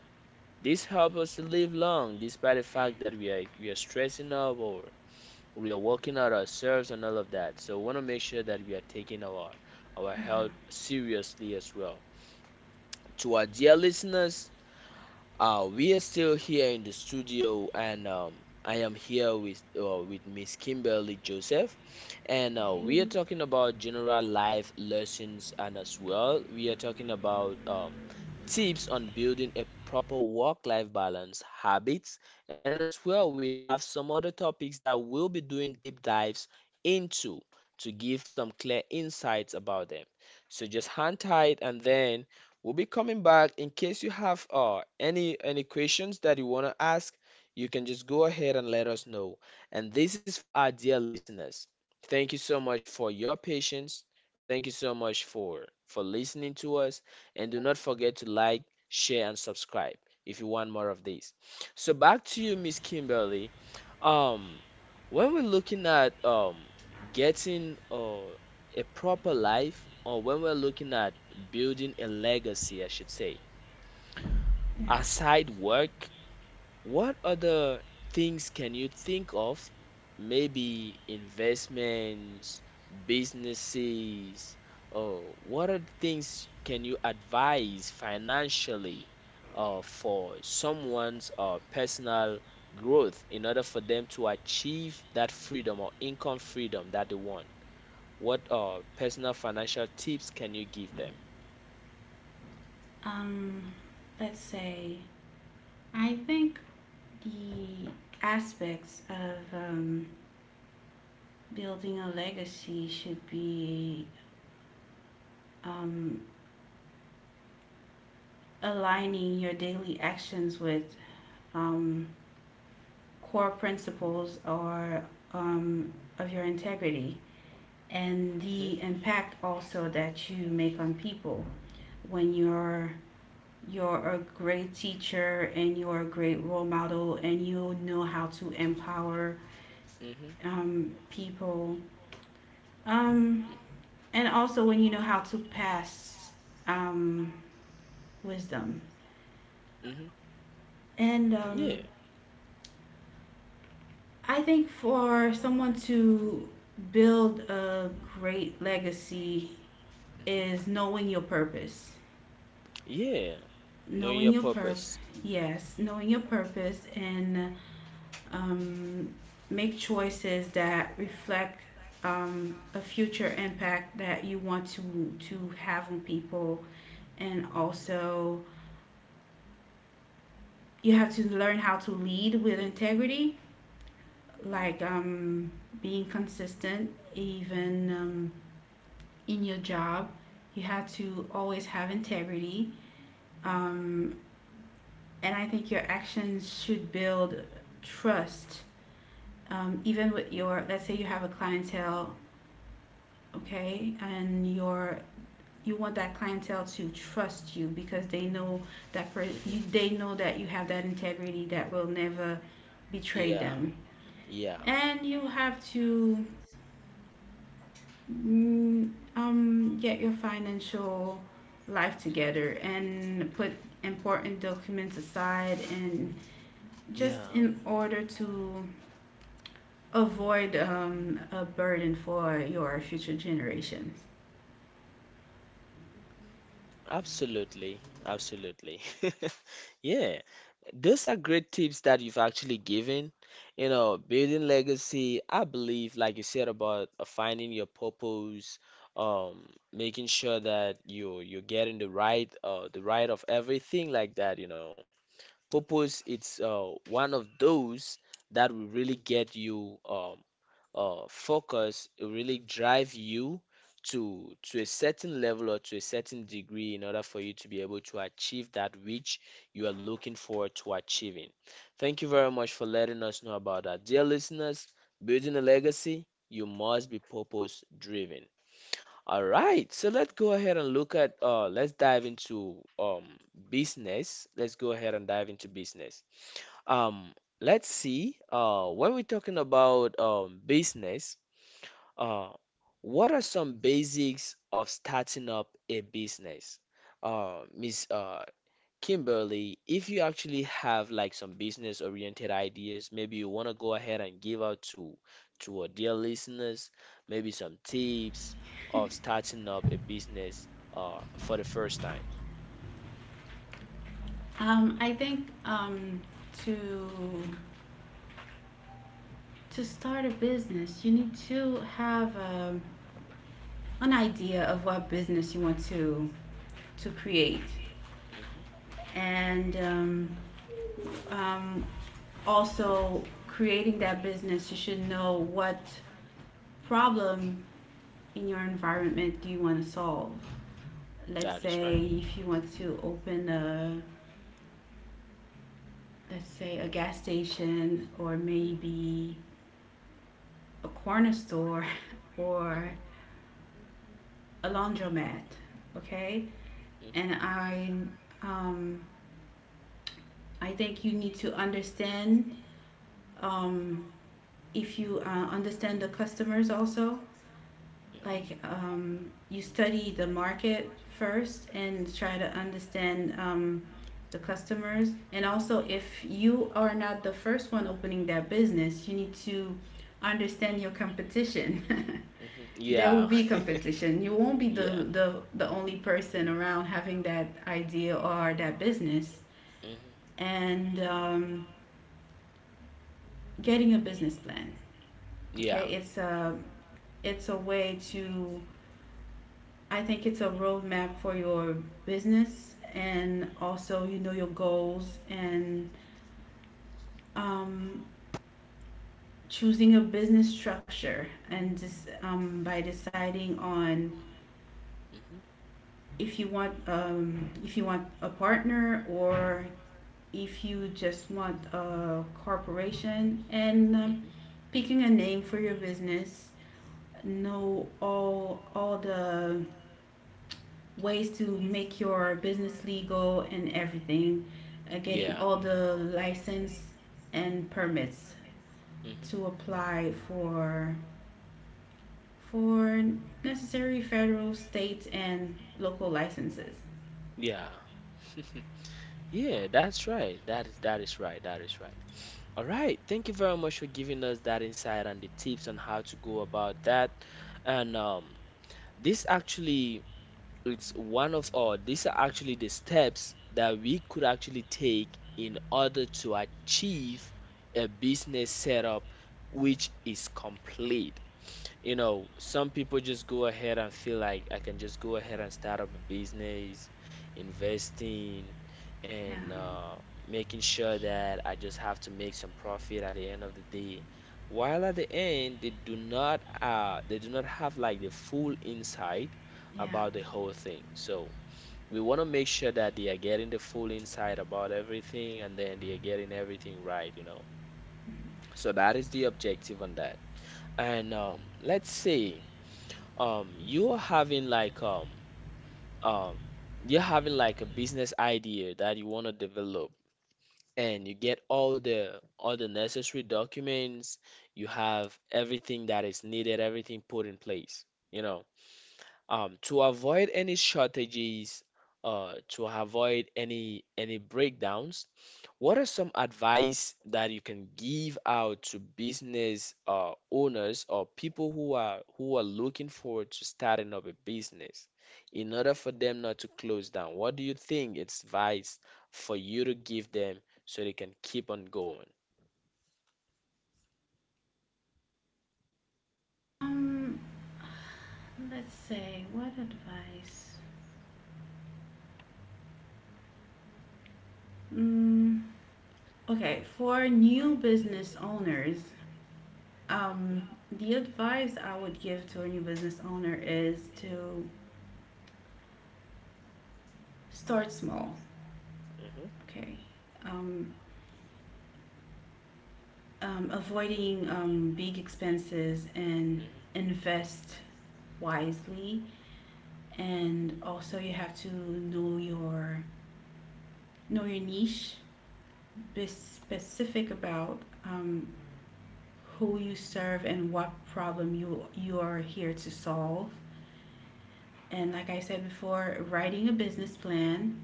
S1: this helps us to live long, despite the fact that we are we are stressing up, or we are working out ourselves and all of that. So we want to make sure that we are taking our our
S2: Yeah.
S1: health seriously as well. To our dear listeners, uh, we are still here in the studio, and, um, I am here with, uh, with Miss Kimberly Joseph, and, uh, we are
S2: Hey.
S1: talking about general life lessons, and as well, we are talking about, um, tips on building a proper work life balance, habits, and as well, we have some other topics that we'll be doing deep dives into, to give some clear insights about them. So just hang tight, and then we'll be coming back. In case you have, uh, any any questions that you want to ask, you can just go ahead and let us know. And this is for our dear listeners. Thank you so much for your patience. Thank you so much for for listening to us, and do not forget to like, share, and subscribe if you want more of these. So back to you, Miss Kimberly. Um, when we're looking at, um getting, uh, a proper life, or when we're looking at building a legacy, I should say,
S2: Yeah.
S1: aside work, what other things can you think of? Maybe investments, businesses, or what are the things can you advise financially, uh, for someone's, uh, personal growth, in order for them to achieve that freedom or income freedom that they want? What, uh, personal financial tips can you give them?
S2: um let's say, I think the aspects of um, building a legacy should be um, aligning your daily actions with um, core principles, or um, of your integrity, and
S1: hmm
S2: the impact also that you make on people. When you're you're a great teacher and you're a great role model, and you know how to empower
S1: hmm
S2: um, people, um, and also when you know how to pass um, wisdom.
S1: hmm
S2: And um,
S1: Yeah.
S2: I think for someone to build a great legacy
S1: Mm-hmm.
S2: is knowing your purpose.
S1: Yeah. Know
S2: Knowing
S1: your
S2: your purpose,
S1: purpose.
S2: yes, knowing your purpose, and um, make choices that reflect um, a future impact that you want to to have on people. And also, you have to learn how to lead with integrity, like um, being consistent, even um, in your job. You have to always have integrity. Um, and I think your actions should build trust, um, even with your, let's say you have a clientele, okay, and your, you want that clientele to trust you because they know that per- you,
S1: hmm
S2: they know that you have that integrity that will never betray
S1: Yeah.
S2: them.
S1: Yeah.
S2: And you have to, mm, um, get your financial life together and put
S1: hmm
S2: important documents aside and
S1: Yeah.
S2: just in order to avoid um, a burden for your future generations.
S1: Absolutely. Absolutely. *laughs* Yeah. Those are great tips that you've actually given. You know, building legacy, I believe, like you said, about, uh, finding your purpose, um, making sure that you, you're getting the right, uh the right of everything like that, you know. Purpose, it's, uh, one of those that will really get you, um, uh, focus, it really drive you to, to a certain level or to a certain degree in order for you to be able to achieve that which you are looking forward to achieving. Thank you very much for letting us know about that, dear listeners. Building a legacy, you must be purpose driven. All right, so let's go ahead and look at, uh let's dive into, um, business. Let's go ahead and dive into business. Um, let's see. Uh, when we're talking about, um, business, uh, what are some basics of starting up a business? Uh, Miss, uh, Kimberly, if you actually have like some business-oriented ideas, maybe you want to go ahead and give out to, to our dear listeners, maybe some tips of starting up a business, uh, for the first time.
S2: Um, I think um, to to start a business, you need to have um an idea of what business you want to to create.
S1: Mhm.
S2: And um, um, also, creating that business, you should know what problem in your environment do you want to solve. Let's
S1: That is
S2: say
S1: right.
S2: if you want to open a, let's say a gas station, or
S1: Mhm.
S2: maybe a corner store *laughs* or
S1: Mhm.
S2: a laundromat, okay?
S1: Mhm.
S2: And I, um, I think you need to understand um, if you uh, understand the customers also,
S1: Mhm.
S2: like um, you study the market first and try to understand um, the customers. And also if you are not the first one opening that business, you need to understand your competition.
S1: Mhm.
S2: *laughs* There will
S1: Yeah. *laughs*
S2: be competition, you won't be the,
S1: Yeah.
S2: the the only person around having that idea or that business.
S1: Mhm.
S2: And um, getting a business plan,
S1: Yeah.
S2: okay, it's a it's a way to, I think it's a roadmap for your business. And also, you know, your goals, and um, choosing a business structure, and just um, by deciding on
S1: Mhm.
S2: if you want um, if you want a partner, or if you just want
S1: Mhm.
S2: a corporation. And um, picking a name for your business, know all all the ways to make your business legal and everything, uh, getting
S1: Yeah.
S2: all the license and permits
S1: Mhm.
S2: to apply for for necessary federal, state, and local licenses.
S1: Yeah. *laughs* Yeah, that's right. That is that is right. That is right. All right. Thank you very much for giving us that insight and the tips on how to go about that. And, um, this actually, it's one of, all these are actually the steps that we could actually take in order to achieve a business setup which is complete. You know, some people just go ahead and feel like I can just go ahead and start up a business, investing,
S2: Yeah,
S1: and, uh, making sure that I just have to make some profit at the end of the day. While at the end, they do not, uh, they do not have like the full insight
S2: yeah.
S1: about the whole thing. So we want to make sure that they are getting the full insight about everything, and then they are getting everything right, you know. So that is the objective on that. And, um, let's say, um you're having like, um um you're having like a business idea that you want to develop, and you get all the all the necessary documents, you have everything that is needed, everything put in place, you know, um, to avoid any shortages, uh to avoid any any breakdowns. What are some advice that you can give out to business, uh, owners, or people who are, who are looking forward to starting up a business in order for them not to close down? What do you think it's advice for you to give them so they can keep on going?
S2: Um, let's say what advice. Mm, okay, for new business owners,
S1: hmm
S2: um, the advice I would give to a new business owner is to start small. Okay. Um, um, avoiding um, big expenses, and invest wisely. And also, you have to know your, know your niche. Be specific about um, who you serve and what problem you you are here to solve. And like I said before, writing a business plan,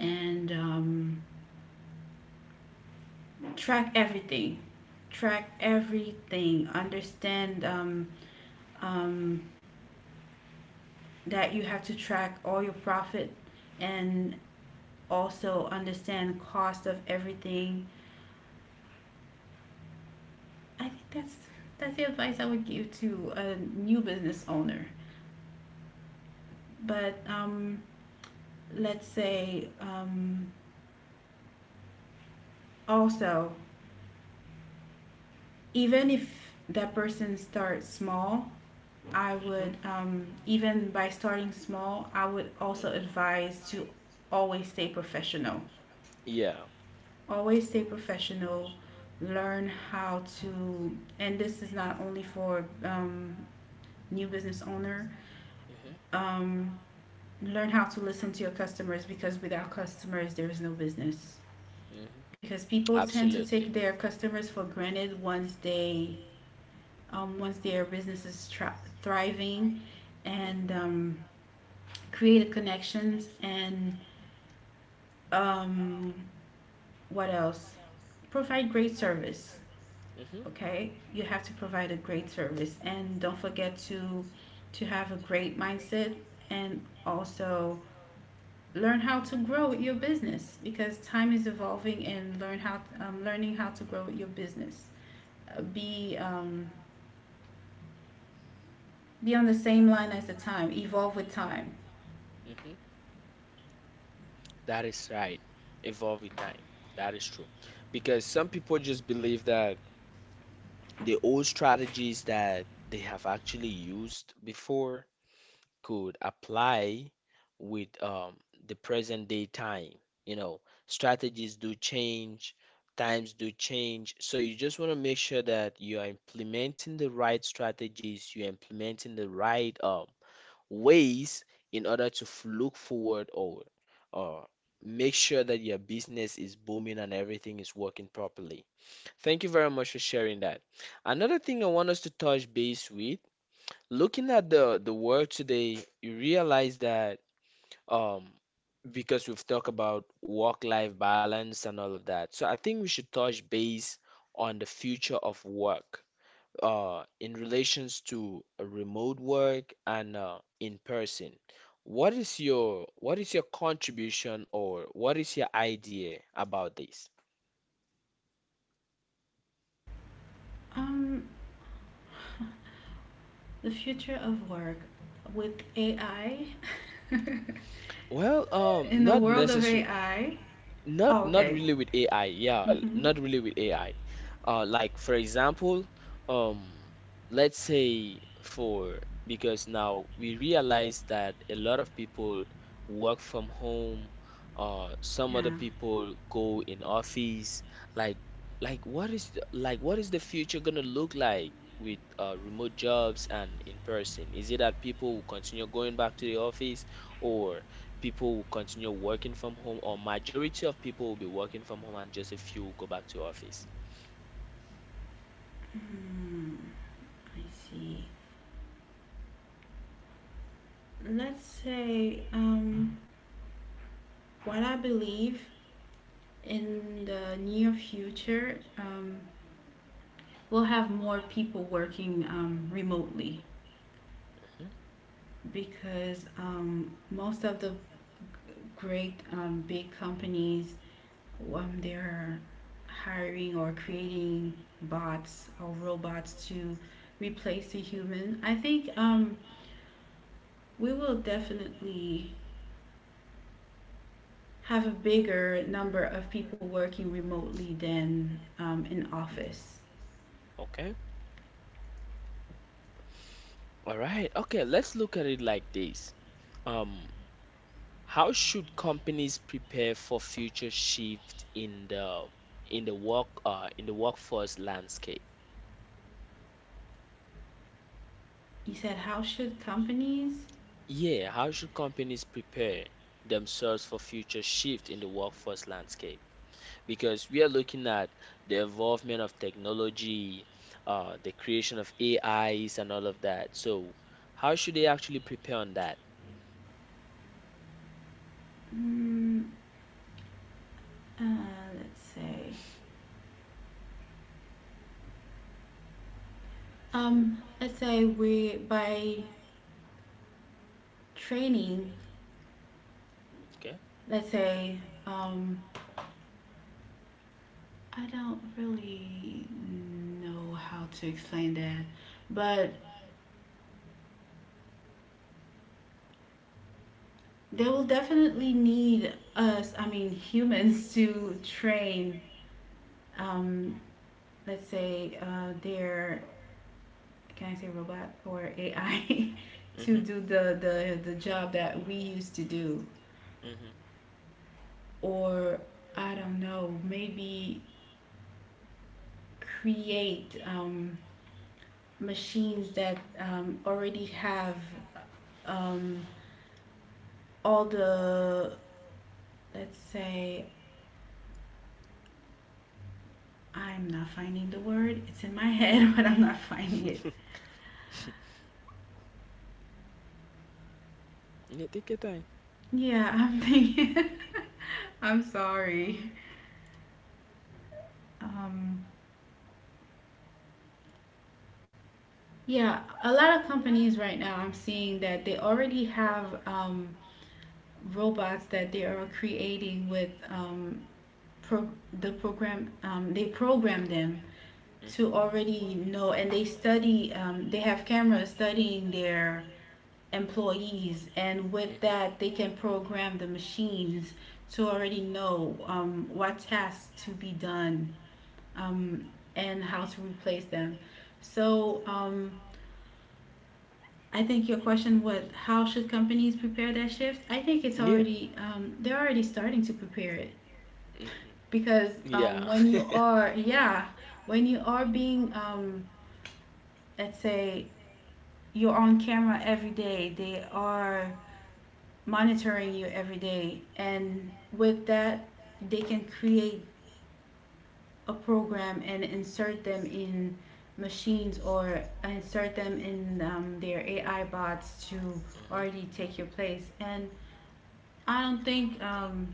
S2: and um, track everything. Track everything. Understand um, um, that you have to track all your profit and also understand the cost of everything. I think that's that's the advice I would give to a new business owner. But um, let's say, um, also, even if that person starts small, I
S1: hmm hmm
S2: would um, even by starting small, I would
S1: hmm
S2: also
S1: hmm
S2: advise to always stay professional,
S1: Yeah.
S2: always stay professional. Learn how to, and this is not only for um, new business owner,
S1: hmm
S2: um, learn how to listen to your customers, because without customers, there is no business.
S1: hmm
S2: Because people tend to take
S1: Absolutely.
S2: their customers for granted once they um, once their business is tra- thriving. And
S1: hmm
S2: um, create connections, and um, what else, provide great service,
S1: hmm
S2: okay, you have to provide a great service. And don't forget to to have a great mindset. And also learn how to grow your business because time is evolving, and learn how um, learning how to grow your business. Uh, be um, be on the same line as the time, evolve with time.
S1: hmm That is right. Evolve with time. That is true. Because some people just believe that the old strategies that they have actually used before could apply with, um, the present day time. You know, strategies do change, times do change. So you just want to make sure that you are implementing the right strategies, you're implementing the right um, ways in order to f- look forward or or make sure that your business is booming and everything is working properly. Thank you very much for sharing that. Another thing I want us to touch base with, looking at the the world today, you realize that um because we've talked about work-life balance and all of that. So I think we should touch base on the future of work uh, in relations to a remote work and uh, in person. What is your what is your contribution or what is your idea about this?
S2: um, the future of work with AI
S1: Well,
S2: *laughs*
S1: um,
S2: in the
S1: not
S2: world of
S1: necessarily,
S2: AI.
S1: not
S2: Oh,
S1: not
S2: okay.
S1: really with A I. Yeah,
S2: Mm-hmm.
S1: not really with A I. Uh, like for example, um, let's say for because now we realize that a lot of people work from home. Uh, some other
S2: Yeah.
S1: people go in office. Like, like what is the- like what is the future gonna look like with uh, remote jobs and in person? Is it that people will continue going back to the office, or people will continue working from home, or majority of people will be working from home, and just a few will go back to office?
S2: Hmm. I see. Let's say um, what I believe, in the near future, um, we'll have more people working um, remotely,
S1: Mhm.
S2: because um, most of the great um, big companies, um, they're hiring or creating bots or robots to replace the human. I think um, we will definitely have a bigger number of people working remotely than um, in
S1: Mhm.
S2: office.
S1: Okay. All right. Okay, let's look at it like this. Um, how should companies prepare for future shift in the in the work uh in the workforce landscape?
S2: You said how should companies?
S1: Yeah, how should companies prepare themselves for future shift in the workforce landscape? Because we are looking at the involvement of technology, uh, the creation of A Is and all of that. So how should they actually prepare on that?
S2: Mm, uh, let's say, um, let's say we by training.
S1: Okay.
S2: Let's say um, I don't really know how to explain that, but they will definitely need us. I mean, humans to train.
S1: hmm
S2: Um, let's say uh, their, can I say robot or A I *laughs* to
S1: hmm
S2: do the, the the job that we used to do.
S1: hmm
S2: Or I don't know, maybe create um, machines that um, already have um, all the, let's say, I'm not finding the word, it's in my *laughs* head, but I'm not finding it.
S1: *laughs* Yeah, take your time.
S2: Yeah, I'm thinking. *laughs* I'm sorry. um, yeah, a lot of companies right now, I'm seeing that they already have um, robots that they are creating with um, pro- the program, um, they program them
S1: Mhm. hmm
S2: to already know, and they study um, they have cameras studying their employees, and with that, they can program the machines to already know um, what tasks to be done, um, and how to replace them. So um, I think your question was, how should companies prepare that shift? I think it's
S1: Yeah.
S2: already um, they're already starting to prepare it,
S1: hmm
S2: because
S1: Yeah.
S2: um, when you
S1: *laughs*
S2: are, yeah, when you are being um, let's say you're on camera every day, they are monitoring you every day. And with that, they can create a program and insert them in machines, or insert them in um, their AI bots to
S1: Mhm.
S2: already take your place. And I don't think um,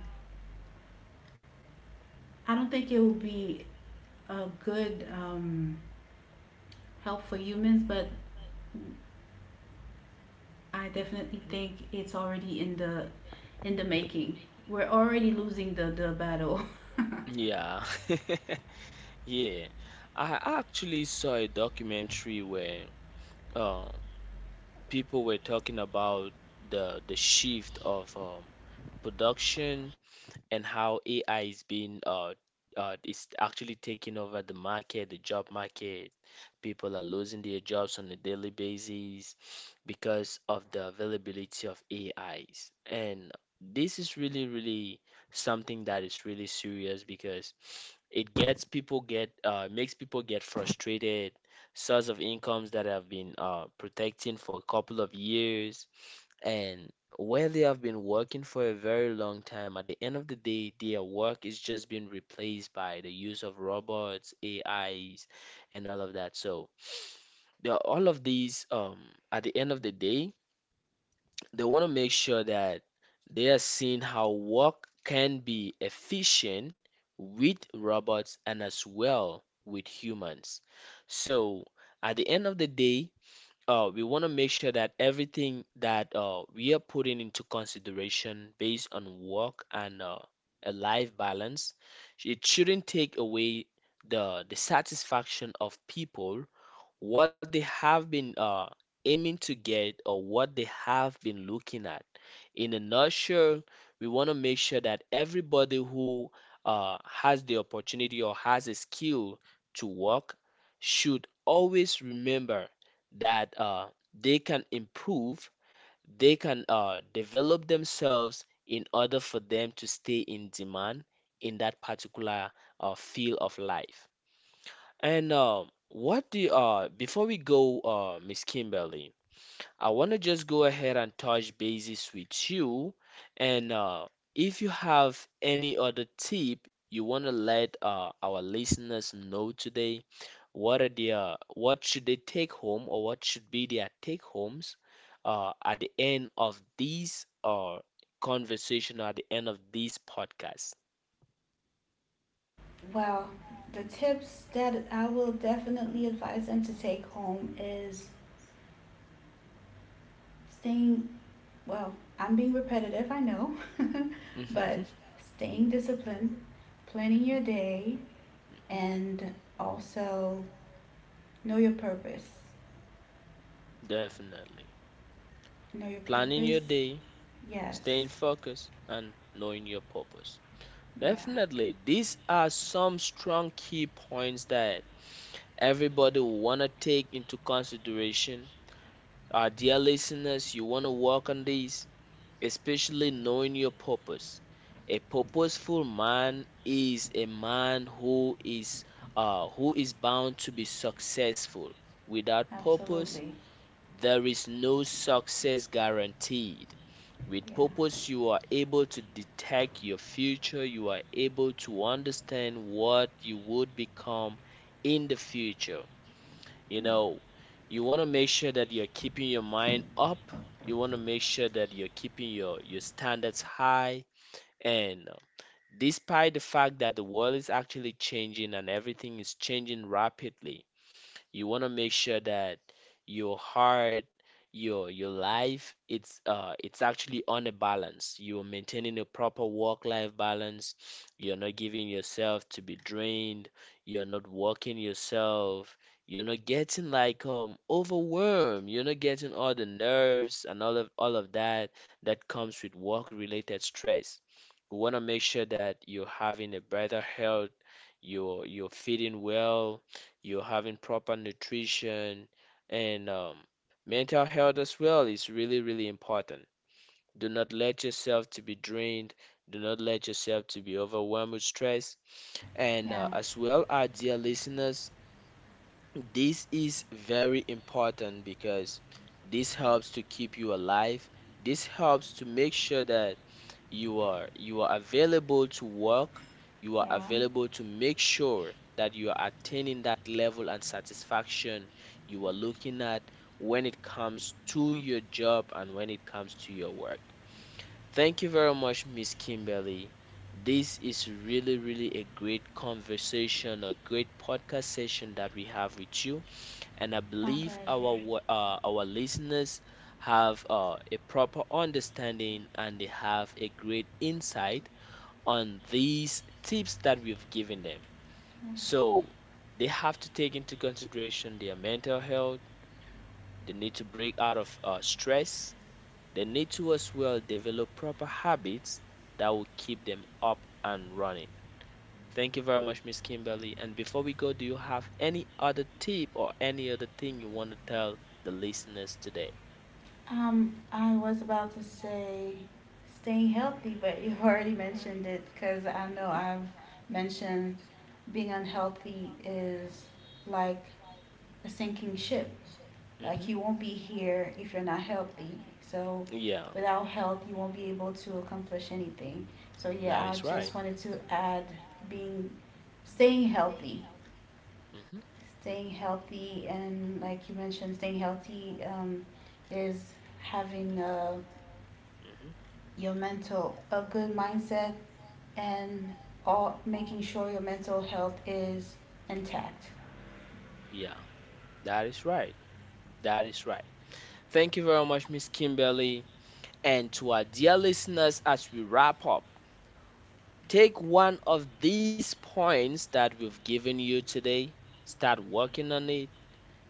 S2: I don't think it will be a good um, help for humans, but I definitely
S1: Mhm.
S2: think it's already in the in the making. We're already losing the the battle. *laughs*
S1: Yeah. *laughs* Yeah. I actually saw a documentary where uh, people were talking about the the shift of um, production and how A I is being uh, uh is actually taking over the market, the job market. People are losing their jobs on a daily basis because of the availability of A Is. And this is really, really something that is really serious because it gets people get uh, makes people get frustrated. Source of incomes that have been uh, protecting for a couple of years and when they have been working for a very long time, at the end of the day, their work is just being replaced by the use of robots, A Is, and all of that. So, the- all of these, um, at the end of the day, they want to make sure that they are seeing how work can be efficient with robots and as well with humans. So, at the end of the day, uh, we want to make sure that everything that uh, we are putting into consideration based on work and uh, a life balance, it shouldn't take away the the satisfaction of people what they have been uh, aiming to get or what they have been looking at. In a nutshell, we want to make sure that everybody who uh, has the opportunity or has a skill to work should always remember that uh, they can improve, they can uh, develop themselves in order for them to stay in demand in that particular uh, field of life. And um, what do you, uh, before we go, uh, Miss Kimberly, I want to just go ahead and touch bases with you. And uh, if you have any other tip you want to let uh, our listeners know today, what are their, what should they take home or what should be their take homes uh, at the end of this uh, conversation, at the end of this podcast?
S2: Well, the tips that I will definitely advise them to take home is staying, well, I'm being repetitive, I know, *laughs*
S1: *laughs*
S2: but
S1: hmm
S2: staying disciplined, planning your day,
S1: hmm
S2: and also know your purpose.
S1: Definitely.
S2: Know your
S1: Planning your
S2: purpose?
S1: day,
S2: Yes.
S1: staying focused, and knowing your purpose.
S2: Yeah,
S1: Definitely, these are some strong key points that everybody will want to take into consideration. Our dear listeners, you want to work on these, especially knowing your purpose. A purposeful man is a man who is uh, who is bound to be successful. Without purpose,
S2: absolutely.
S1: there is no success guaranteed. With
S2: Yeah.
S1: purpose, you are able to detect your future, you are able to understand what you would become in the future.
S2: Yeah.
S1: You know, you want to make sure that you're keeping your mind up, you want to make sure that you're keeping your, your standards high. And uh, despite the fact that the world is actually changing and everything is changing rapidly, you want to make sure that your heart, your your life, it's uh it's actually on a balance. You're maintaining a proper work-life balance. You're not giving yourself to be drained. You're not working yourself. You're not getting like um overwhelmed. You're not getting all the nerves and all of all of that that comes with work-related stress. We want to make sure that you're having a better health, you're you're feeding well, you're having proper nutrition and um, mental health as well is really, really important. Do not let yourself to be drained. Do not let yourself to be overwhelmed with stress. And
S2: Yeah.
S1: uh, as well, our dear listeners, this is very important because this helps to keep you alive. This helps to make sure that you are you are available to work, you are
S2: Yeah,
S1: available to make sure that you are attaining that level and satisfaction you are looking at when it comes to your job and when it comes to your work. Thank you very much, Miss Kimberly. This is really, really a great conversation, a great podcast session that we have with you, and I
S2: it's my
S1: believe our
S2: pleasure.
S1: wa- uh, our listeners have uh, a proper understanding and they have a great insight on these tips that we've given them. So they have to take into consideration their mental health. They need to break out of uh, stress. They need to as well develop proper habits that will keep them up and running. Thank you very much, Miss Kimberly. And before we go, do you have any other tip or any other thing you want to tell the listeners today?
S2: Um, I was about to say staying healthy, but you *laughs* already mentioned it, because I know
S1: Mhm.
S2: I've mentioned being unhealthy is like a sinking ship. Like
S1: Mhm.
S2: you won't be here if you're not healthy. So
S1: Yeah,
S2: without health, you won't be able to accomplish anything. So
S1: that
S2: yeah, I
S1: is right.
S2: just wanted to add being, staying healthy.
S1: Mhm.
S2: Staying healthy, and like you mentioned, staying healthy, um, is having a,
S1: Mhm.
S2: your mental a good mindset, and all making sure your mental health is intact.
S1: Yeah, that is right. That is right. Thank you very much, Miss Kimberly. And to our dear listeners, as we wrap up, take one of these points that we've given you today, start working on it.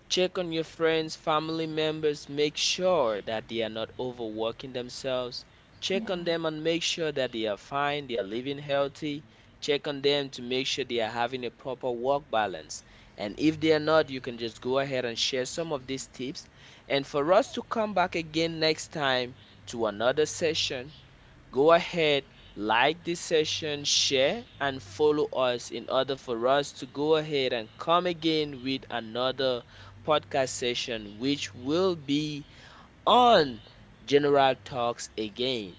S1: Check on your friends, family members, make sure that they are not overworking themselves.
S2: Yeah.
S1: Check on them and make sure that they are fine, they are living healthy. Check on them to make sure they are having a proper work balance. And if they are not, you can just go ahead and share some of these tips. And for us to come back again next time to another session. Go ahead, like this session, share, and follow us in order for us to go ahead and come again with another podcast session, which will be on General Talks again.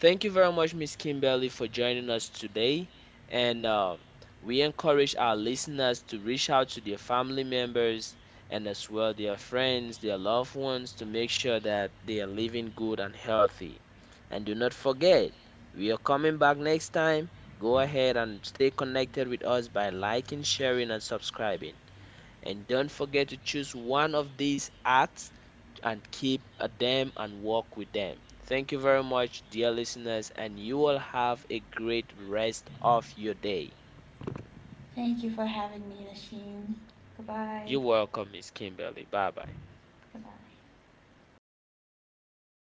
S1: Thank you very much, Miss Kimberly, for joining us today. And uh, we encourage our listeners to reach out to their family members and as well their friends, their loved ones to make sure that they are living good and healthy. And do not forget, we are coming back next time. Go ahead and stay connected with us by liking, sharing, and subscribing. And don't forget to choose one of these acts and keep at them and walk with them. Thank you very much, dear listeners, and you will have a great rest of your day.
S2: Thank you for having me, Nasheen.
S1: You're
S2: Goodbye.
S1: welcome, Miss Kimberly. Bye bye.
S2: Goodbye.